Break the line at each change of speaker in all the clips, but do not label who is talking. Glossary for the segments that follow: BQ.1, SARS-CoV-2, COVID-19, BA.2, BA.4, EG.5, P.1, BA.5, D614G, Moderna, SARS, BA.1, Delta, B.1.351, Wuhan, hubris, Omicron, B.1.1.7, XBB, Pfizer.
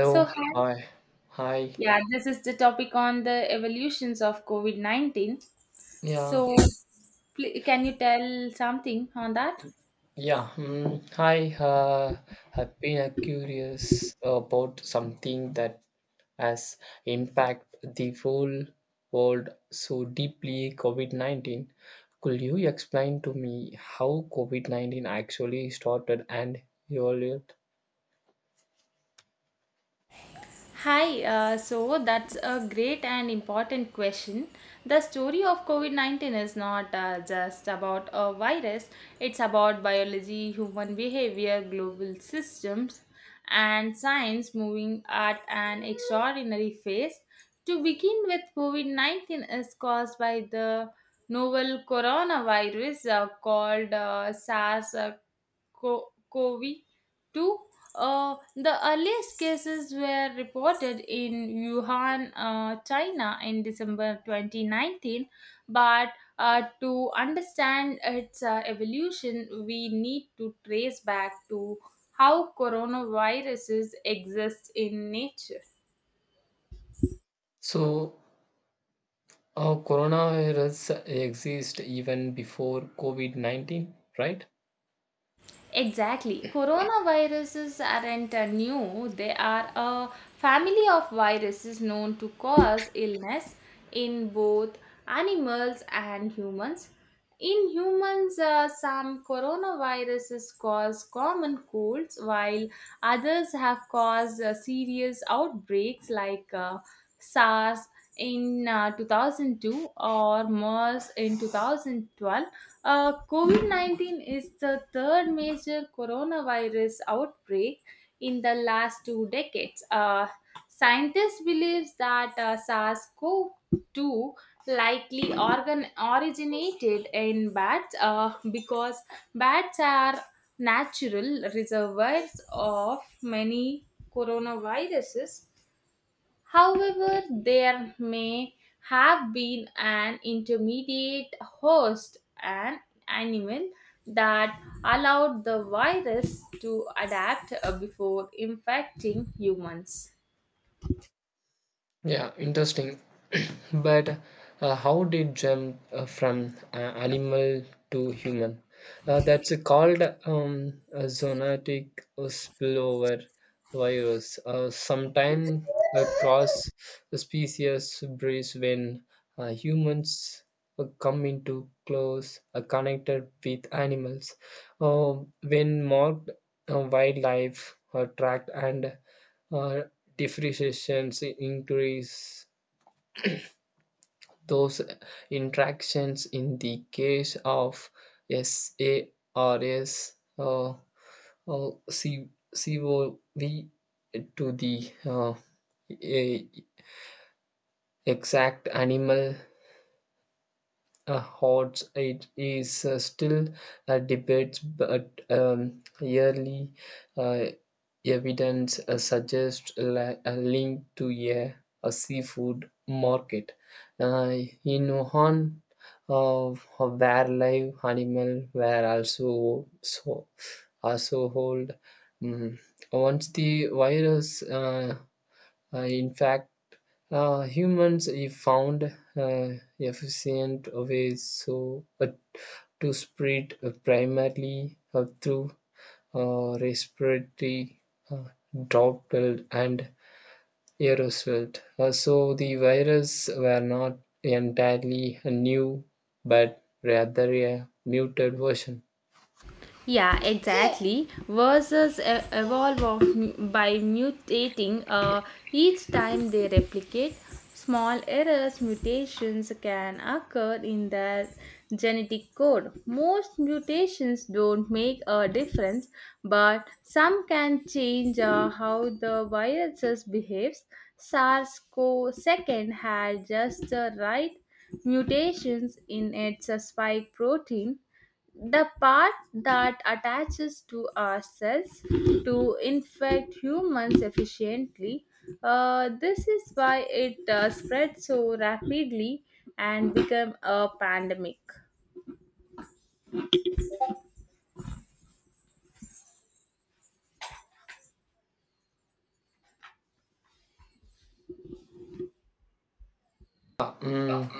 So, hi.
Hi. Hi.
Yeah, this is the topic on the evolutions of COVID 19.
Yeah.
So, can you tell something on that?
Yeah. Mm, hi. I've been curious about something that has impact the whole world so deeply. COVID 19. Could you explain to me how COVID 19 actually started and evolved?
Hi, so that's a great and important question. The story of COVID 19 is not just about a virus, it's about biology, human behavior, global systems, and science moving at an extraordinary phase. To begin with, COVID 19 is caused by the novel coronavirus called SARS, Covey. Two, the earliest cases were reported in Wuhan, China in December 2019, but to understand its evolution, we need to trace back to how coronaviruses exist in nature.
So, coronavirus exists even before COVID 19, right?
Exactly. Coronaviruses aren't new, they are a family of viruses known to cause illness in both animals and humans. In humans, some coronaviruses cause common colds, while others have caused serious outbreaks like SARS in 2002 or MERS in 2012. COVID 19 is the third major coronavirus outbreak in the last 2 decades. Scientists believe that SARS CoV 2 likely organ originated in bats because bats are natural reservoirs of many coronaviruses. However, there may have been an intermediate host, an animal, that allowed the virus to adapt before infecting humans.
Yeah, interesting. But how did jump from animal to human? That's called a zoonotic spillover virus. Sometimes across the species breeds when humans come into close connected with animals. When marked wildlife tracked and uh, depreciations increase those interactions in the case of SARS uh, or COV to the a- exact animal. Hot it is still a debate, but yearly uh, evidence suggests a link to a seafood market. Uh, in Wuhan, uh, where live animal were also so also hold. Mm. Once the virus in fact, humans have found uh, efficient ways so to spread primarily through respiratory uh, droplet and aerosol. So the virus were not entirely new, but rather a muted version.
Yeah, exactly. Versus evolve of, by mutating each time they replicate. Small errors, mutations can occur in their genetic code. Most mutations don't make a difference, but some can change how the viruses behaves. SARS-CoV-2 had just the right mutations in its spike protein, the part that attaches to ourselves to infect humans efficiently. This is why it spread so rapidly and become a pandemic.
Mm,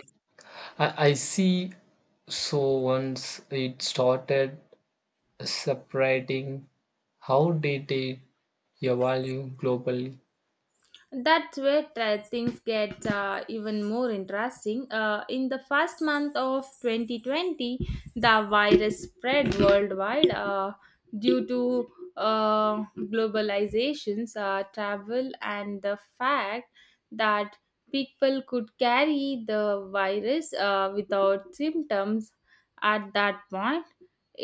I see. So once it started separating, how did it evolve globally?
That's where things get even more interesting. In the first month of 2020, the virus spread worldwide due to globalizations, travel, and the fact that people could carry the virus without symptoms at that point.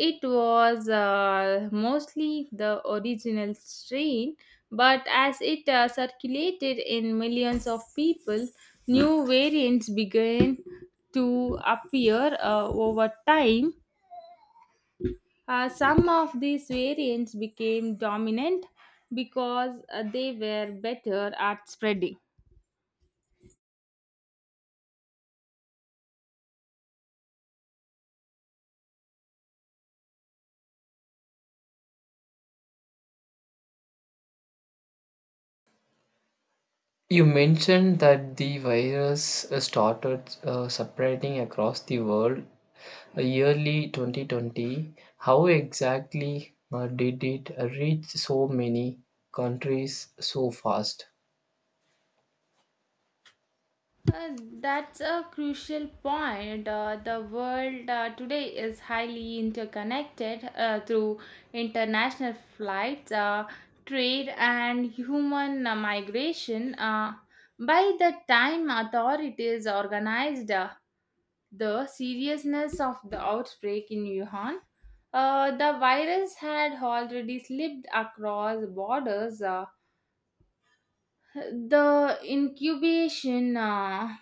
It was mostly the original strain, but as it circulated in millions of people, new variants began to appear over time. Some of these variants became dominant because they were better at spreading.
You mentioned that the virus started separating across the world yearly 2020. How exactly did it reach so many countries so fast?
Uh, that's a crucial point. The world today is highly interconnected through international flights, trade, and human migration. By the time authorities organized the seriousness of the outbreak in Wuhan, the virus had already slipped across borders. The incubation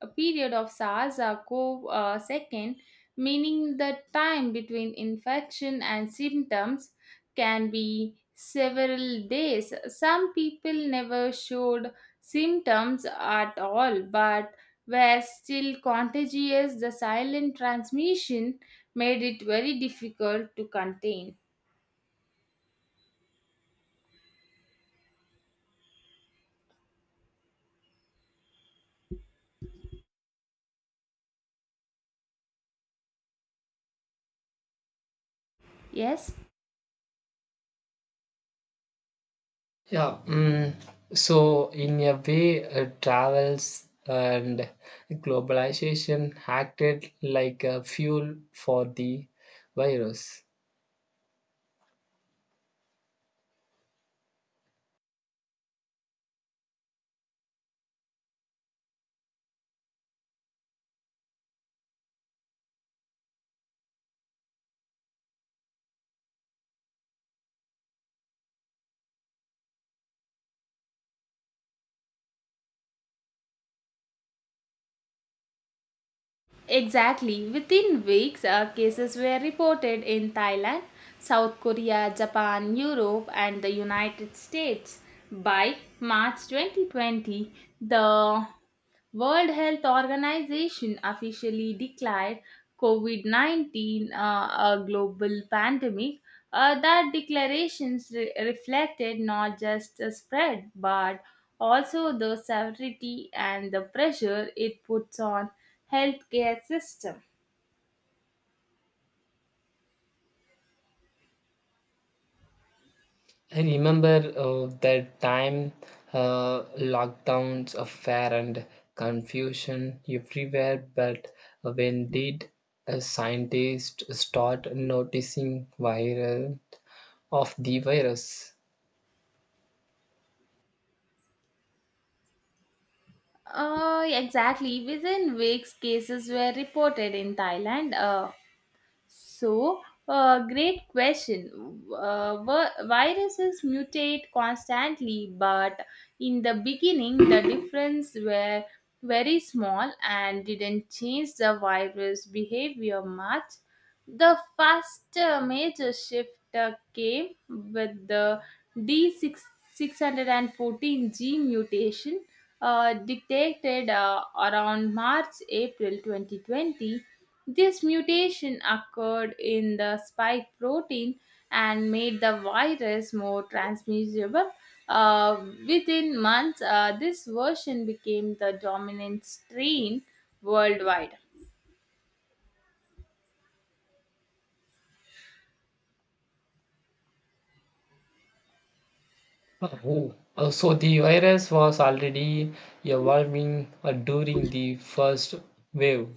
a period of SARS CoV second, meaning the time between infection and symptoms can be several days. Some people never showed symptoms at all but were still contagious. The silent transmission made it very difficult to contain. Yes?
Yeah, mm, so in a way, travels and globalization acted like a fuel for the virus.
Exactly. Within weeks, cases were reported in Thailand, South Korea, Japan, Europe, and the United States. By March 2020, the World Health Organization officially declared COVID 19 a global pandemic. That declarations reflected not just the spread but also the severity and the pressure it puts on healthcare system.
I remember that time lockdowns, of fear and confusion everywhere, but when did a scientist start noticing viral of the virus?
Exactly. Within weeks, cases were reported in Thailand. So, great question. Viruses mutate constantly, but in the beginning, the difference were very small and didn't change the virus behavior much. The first major shift came with the D614 gene mutation detected around March April 2020. This mutation occurred in the spike protein and made the virus more transmissible. Uh, Within months, this version became the dominant strain worldwide.
Oh, so the virus was already evolving during the first wave,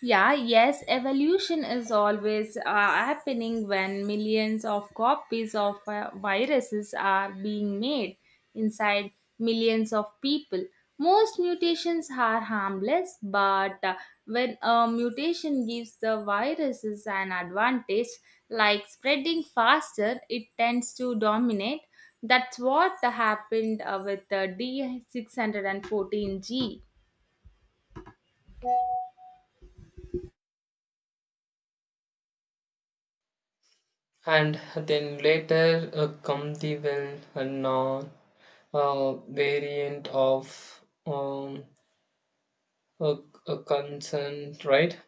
Yeah, yes, evolution is always happening when millions of copies of viruses are being made inside millions of people. Most mutations are harmless, but when a mutation gives the viruses an advantage, like spreading faster, it tends to dominate. That's what happened with the D614G.
and then later come the well known variant of. Um, a, a concern, right?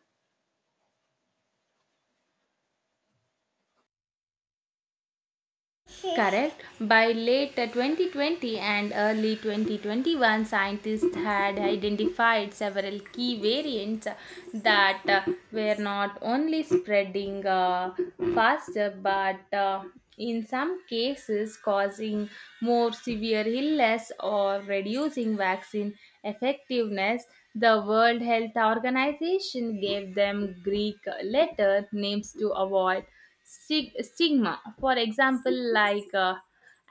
Correct. By late 2020 and early 2021, scientists had identified several key variants that were not only spreading faster but in some cases causing more severe illness or reducing vaccine effectiveness. The World Health Organization gave them Greek letter names to avoid stigma. For example, like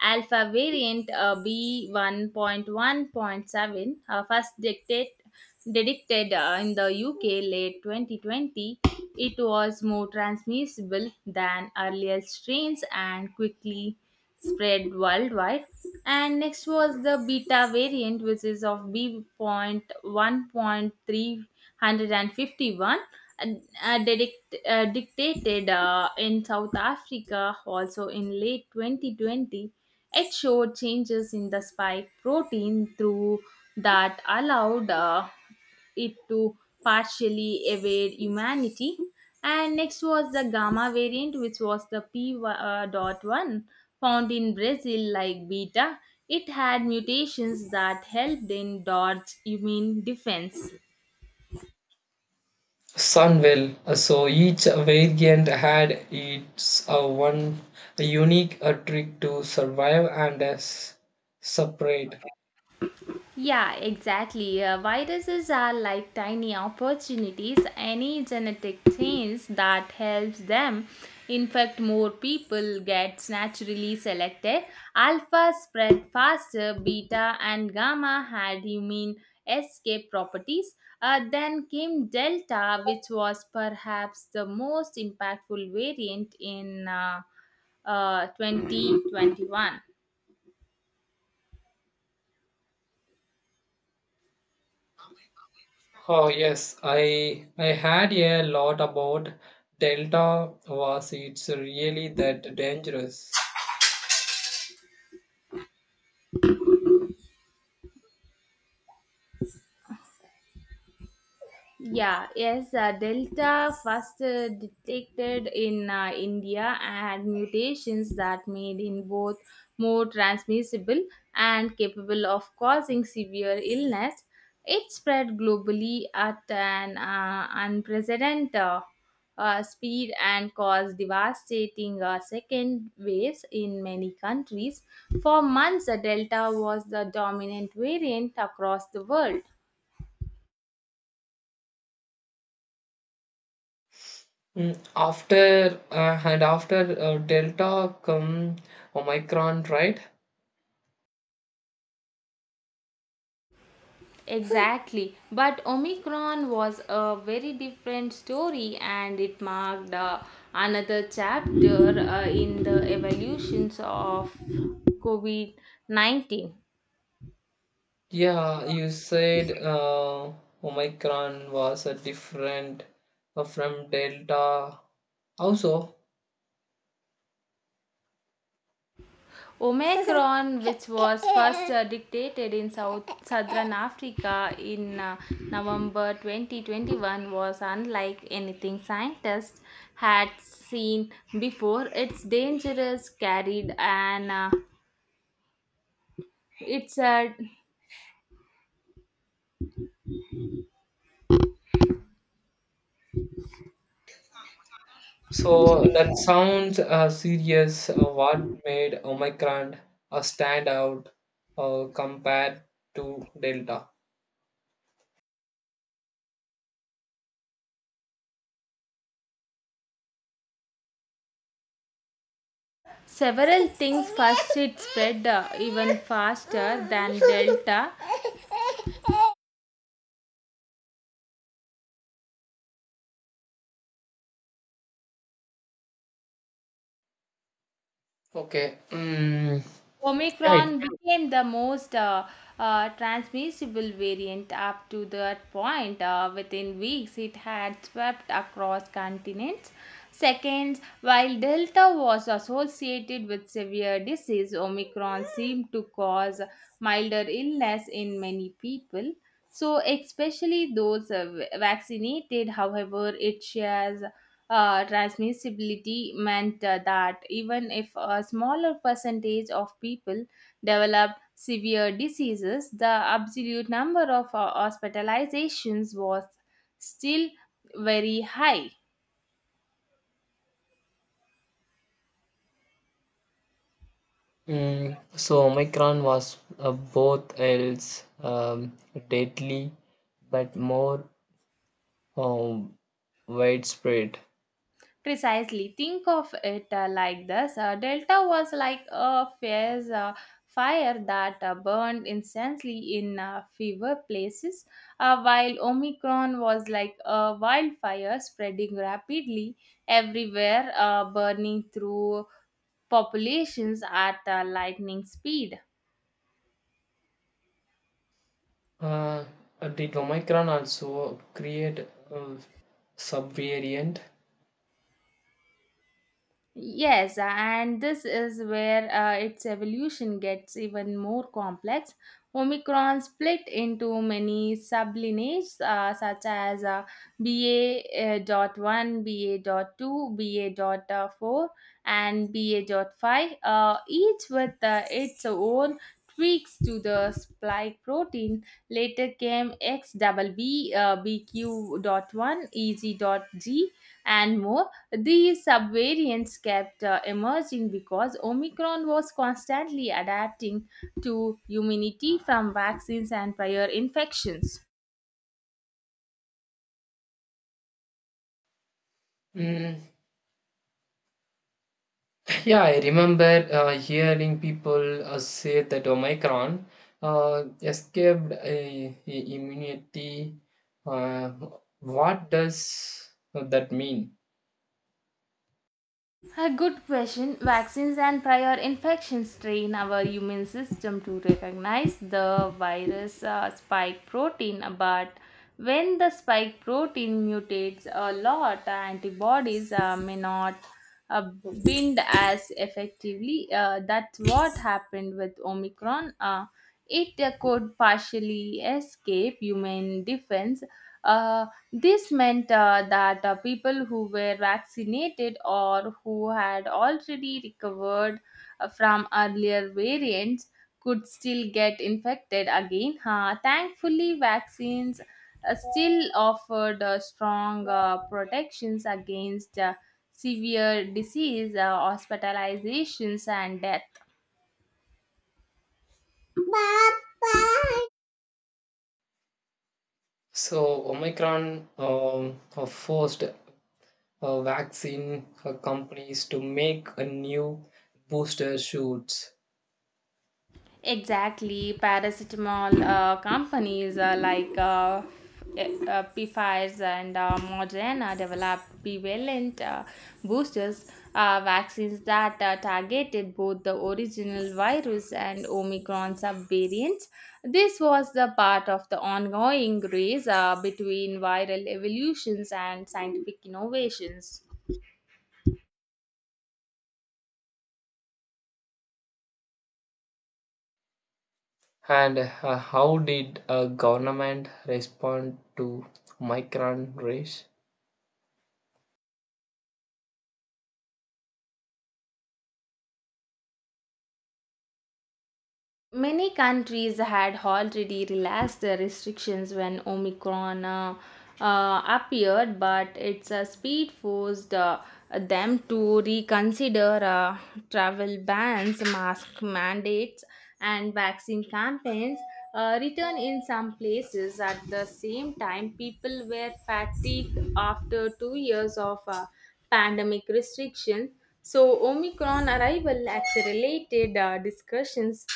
alpha variant B1.1.7, first detected in the UK late 2020, it was more transmissible than earlier strains and quickly spread worldwide. And next was the beta variant, which is of B point one point three hundred and fifty one, and, dictated in South Africa also in late 2020. It showed changes in the spike protein through that allowed. It to partially evade humanity. And next was the gamma variant, which was the P dot one, found in Brazil, like beta. It had mutations that helped in dodge immune defense.
Sun will. So each variant had its one a unique trick to survive and separate.
Yeah, exactly. Viruses are like tiny opportunities. Any genetic change that helps them infect more people gets naturally selected. Alpha spread faster, beta and gamma had immune escape properties. Then came Delta, which was perhaps the most impactful variant in 2021.
Oh yes, I had a lot about Delta. Was it's really that dangerous?
Yeah, yes, Delta first detected in India, and mutations that made in both more transmissible and capable of causing severe illness. It spread globally at an unprecedented speed and caused devastating second waves in many countries. For months, Delta was the dominant variant across the world.
Mm, after and after Delta come Omicron, right?
Exactly. But Omicron was a very different story, and it marked another chapter in the evolutions of COVID 19.
Yeah, you said Omicron was a different from Delta also.
Omicron, which was first detected in South Southern Africa in November 2021, was unlike anything scientists had seen before. It's dangerous, carried, and it's a
So that sounds serious. What made Omicron stand out compared to Delta?
Several things, first, it spread even faster than Delta.
Okay. Mm, yeah. It,
Omicron became the most transmissible variant up to that point. Within weeks, it had swept across continents. Second, while Delta was associated with severe disease, Omicron seemed to cause milder illness in many people. So, especially those vaccinated, however, it shares transmissibility meant that even if a smaller percentage of people develop severe diseases, the absolute number of hospitalizations was still very high.
mm, so Omicron was both else deadly, but more um, widespread.
Precisely. Think of it like this, Delta was like a fierce fire that burned instantly in fever places, while Omicron was like a wildfire spreading rapidly everywhere, burning through populations at lightning speed.
Uh, did Omicron also create a subvariant?
Yes, and this is where its evolution gets even more complex. Omicron split into many sublineages such as BA dot one, B A dot two, B A dot four, and BA dot five, each with its own tweaks to the spike protein. Later came X double XBB, B Q dot one, E G, dot G, and more. These subvariants kept emerging because Omicron was constantly adapting to immunity from vaccines and prior infections.
Mm, yeah, I remember hearing people say that Omicron escaped a immunity. Uh, what does that mean?
A good question. Vaccines and prior infections train our immune system to recognize the virus spike protein, but when the spike protein mutates a lot, antibodies may not uh, bind as effectively. That's what happened with Omicron. It could partially escape human defense. uh, this meant that people who were vaccinated or who had already recovered from earlier variants could still get infected again. Thankfully, vaccines still offered strong protections against severe disease, hospitalizations, and death.
So, Omicron forced vaccine companies to make a new booster shoots.
Exactly, paracetamol companies like Pfizer's and Moderna develop bivalent boosters, vaccines that targeted both the original virus and Omicron subvariants. This was the part of the ongoing race between viral evolutions and scientific innovations.
And how did a government respond to Omicron race?
Many countries had already relaxed the restrictions when Omicron appeared, but its speed forced them to reconsider travel bans, mask mandates, and vaccine campaigns. Return in some places at the same time, people were fatigued after 2 years of pandemic restrictions, so Omicron arrival accelerated discussions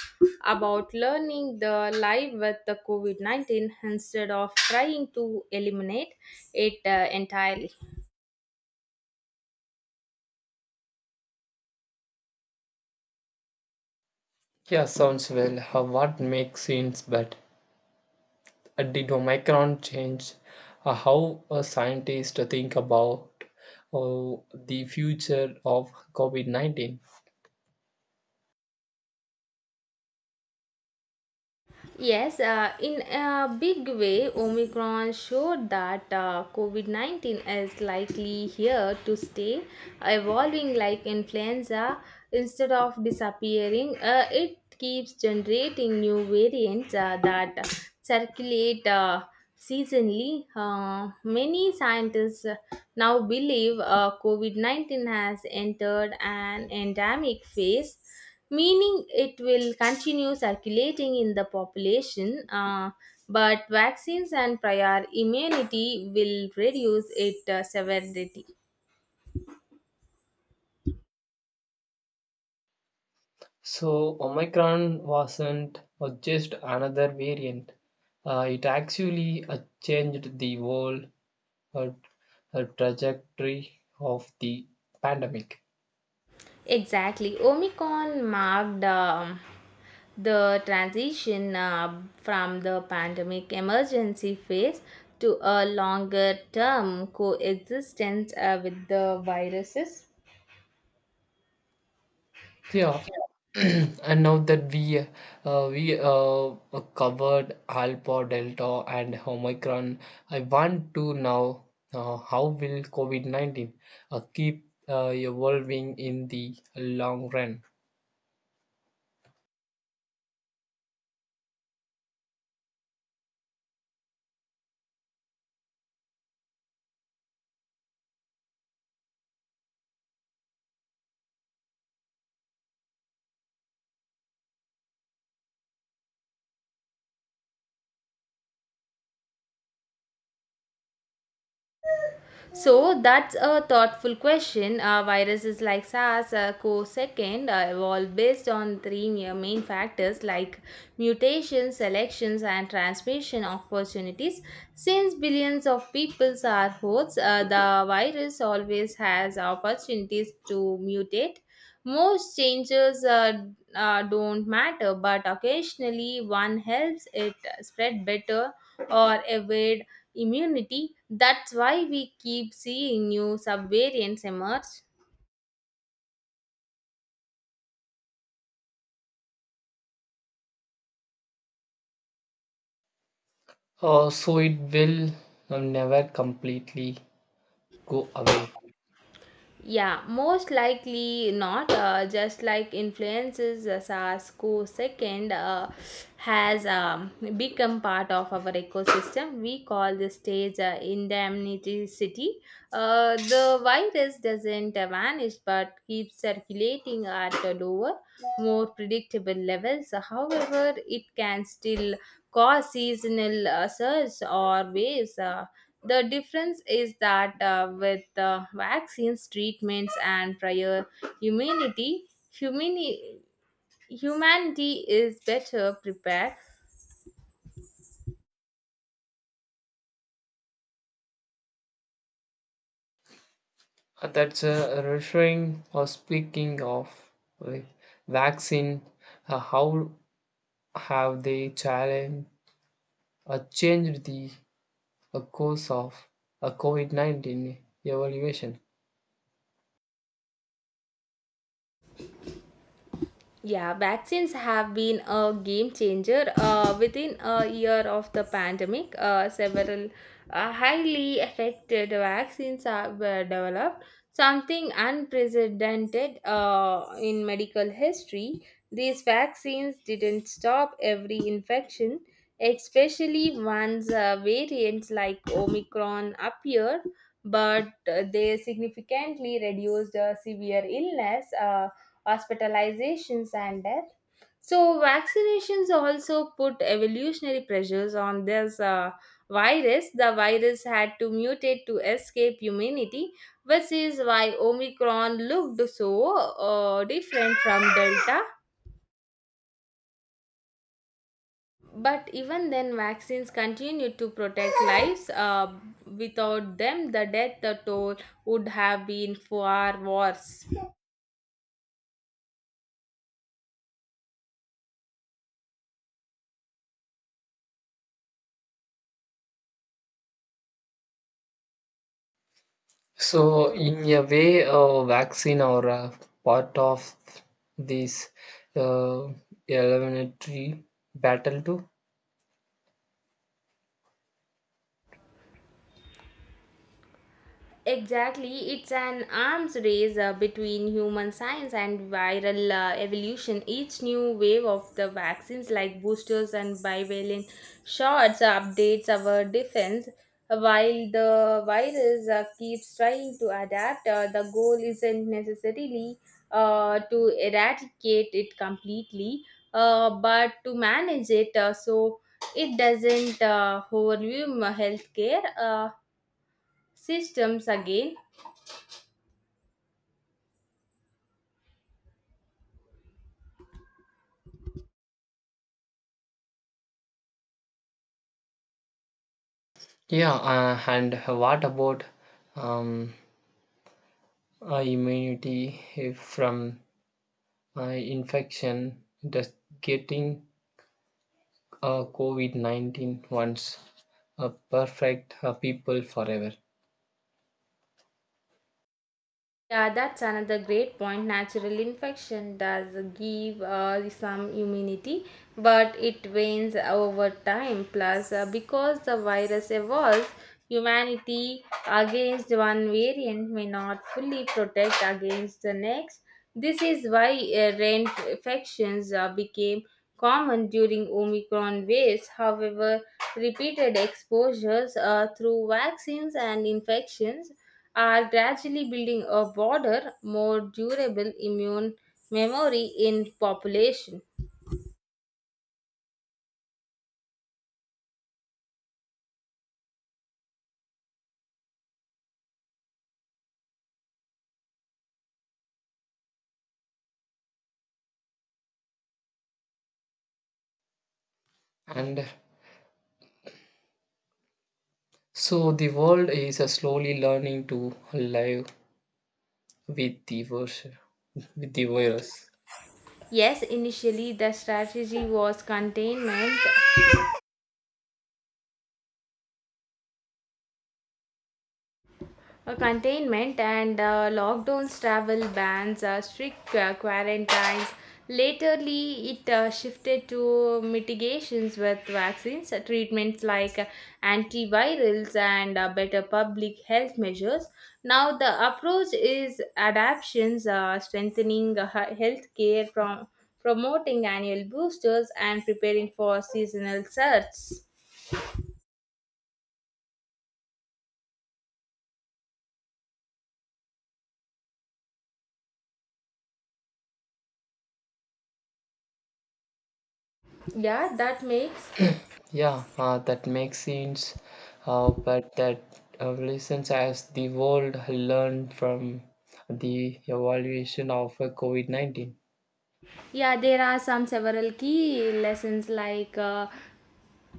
about learning the live with the COVID 19 instead of trying to eliminate it entirely.
Yeah, sounds well. What makes sense, but did Omicron change how a scientist think about the future of COVID 19?
Yes, in a big way, Omicron showed that COVID 19 is likely here to stay, evolving like influenza. Instead of disappearing, it keeps generating new variants that circulate seasonally. Many scientists now believe COVID 19 has entered an endemic phase, meaning it will continue circulating in the population, but vaccines and prior immunity will reduce its severity.
So, Omicron wasn't just another variant, it actually changed the whole uh, trajectory of the pandemic.
Exactly. Omicron marked the transition from the pandemic emergency phase to a longer term coexistence with the viruses.
Yeah, and now that we covered Alpha, Delta, and Omicron, I want to know how will COVID 19 keep evolving in the long run?
So that's a thoughtful question. Viruses like SARS co-second evolved based on three main factors like mutations, selections, and transmission opportunities. Since billions of people are hosts, the virus always has opportunities to mutate. Most changes don't matter, but occasionally one helps it spread better or evade immunity. That's why we keep seeing new subvariants emerge.
So it will never completely go away.
Yeah, most likely not. Just like influences, as sars cov second has become part of our ecosystem. We call this stage indemnity city. The virus doesn't vanish but keeps circulating at a lower, more predictable levels. However, it can still cause seasonal surges or waves. The difference is that with vaccines, treatments, and prior immunity, humani- humanity is better prepared.
That's a reassuring. Or speaking of uh, vaccine, how have they challenge, or changed the a course of a COVID 19 evaluation.
Yeah, vaccines have been a game changer. Within a year of the pandemic, several highly effective vaccines were developed, something unprecedented in medical history. These vaccines didn't stop every infection, especially once variants like Omicron appeared, but they significantly reduced severe illness, hospitalizations, and death. So, vaccinations also put evolutionary pressures on this virus. The virus had to mutate to escape humanity, which is why Omicron looked so different from Delta. But even then, vaccines continued to protect lives. Without them, the death toll would have been far worse.
So, in a way, a vaccine or a part of this uh, eliminatory battle, too.
Exactly, it's an arms race between human science and viral evolution. Each new wave of the vaccines, like boosters and bivalent shots, updates our defense. While the virus keeps trying to adapt, the goal isn't necessarily to eradicate it completely, but to manage it so it doesn't overwhelm healthcare systems again.
Yeah, and what about um, immunity if from uh, infection? Does getting COVID 19 once a perfect people forever?
Yeah, that's another great point. Natural infection does give some immunity, but it wanes over time. Plus, because the virus evolves, humanity against one variant may not fully protect against the next. This is why reinfections became common during Omicron waves. However, repeated exposures through vaccines and infections are gradually building a broader, more durable immune memory in population.
And so the world is slowly learning to live with the virus. With the virus.
Yes, initially the strategy was containment. Containment and lockdowns, travel bans, strict quarantines. Laterly, it shifted to mitigations with vaccines, treatments like antivirals, and better public health measures. Now, the approach is adaptations, strengthening healthcare, from promoting annual boosters, and preparing for seasonal surges. Yeah, that makes
Yeah, that makes sense. But that lessons as the world learned from the evaluation of COVID 19.
yeah, there are some several key lessons like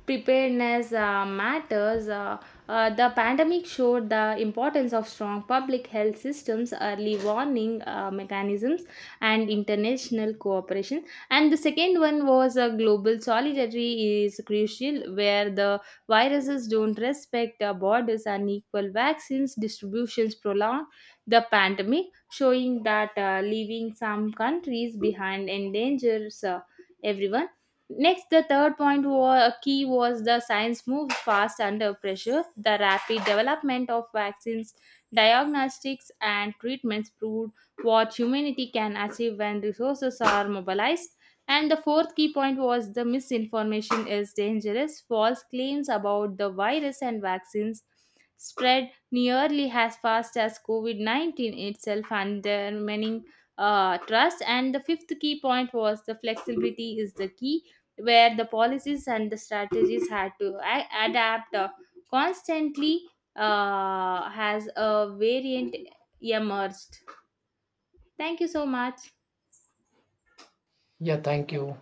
preparedness matters. The pandemic showed the importance of strong public health systems, early warning mechanisms, and international cooperation. And the second one was global solidarity is crucial, where the viruses don't respect borders, and equal vaccines distributions prolong the pandemic, showing that leaving some countries behind endangers everyone. Next, the third point was key was the science moves fast under pressure. The rapid development of vaccines, diagnostics, and treatments proved what humanity can achieve when resources are mobilized. And the fourth key point was the misinformation is dangerous. False claims about the virus and vaccines spread nearly as fast as COVID 19 itself, undermining trust. And the fifth key point was the flexibility is the key where the policies and the strategies had to adapt constantly has a variant emerged. Thank you so much.
Yeah, thank you.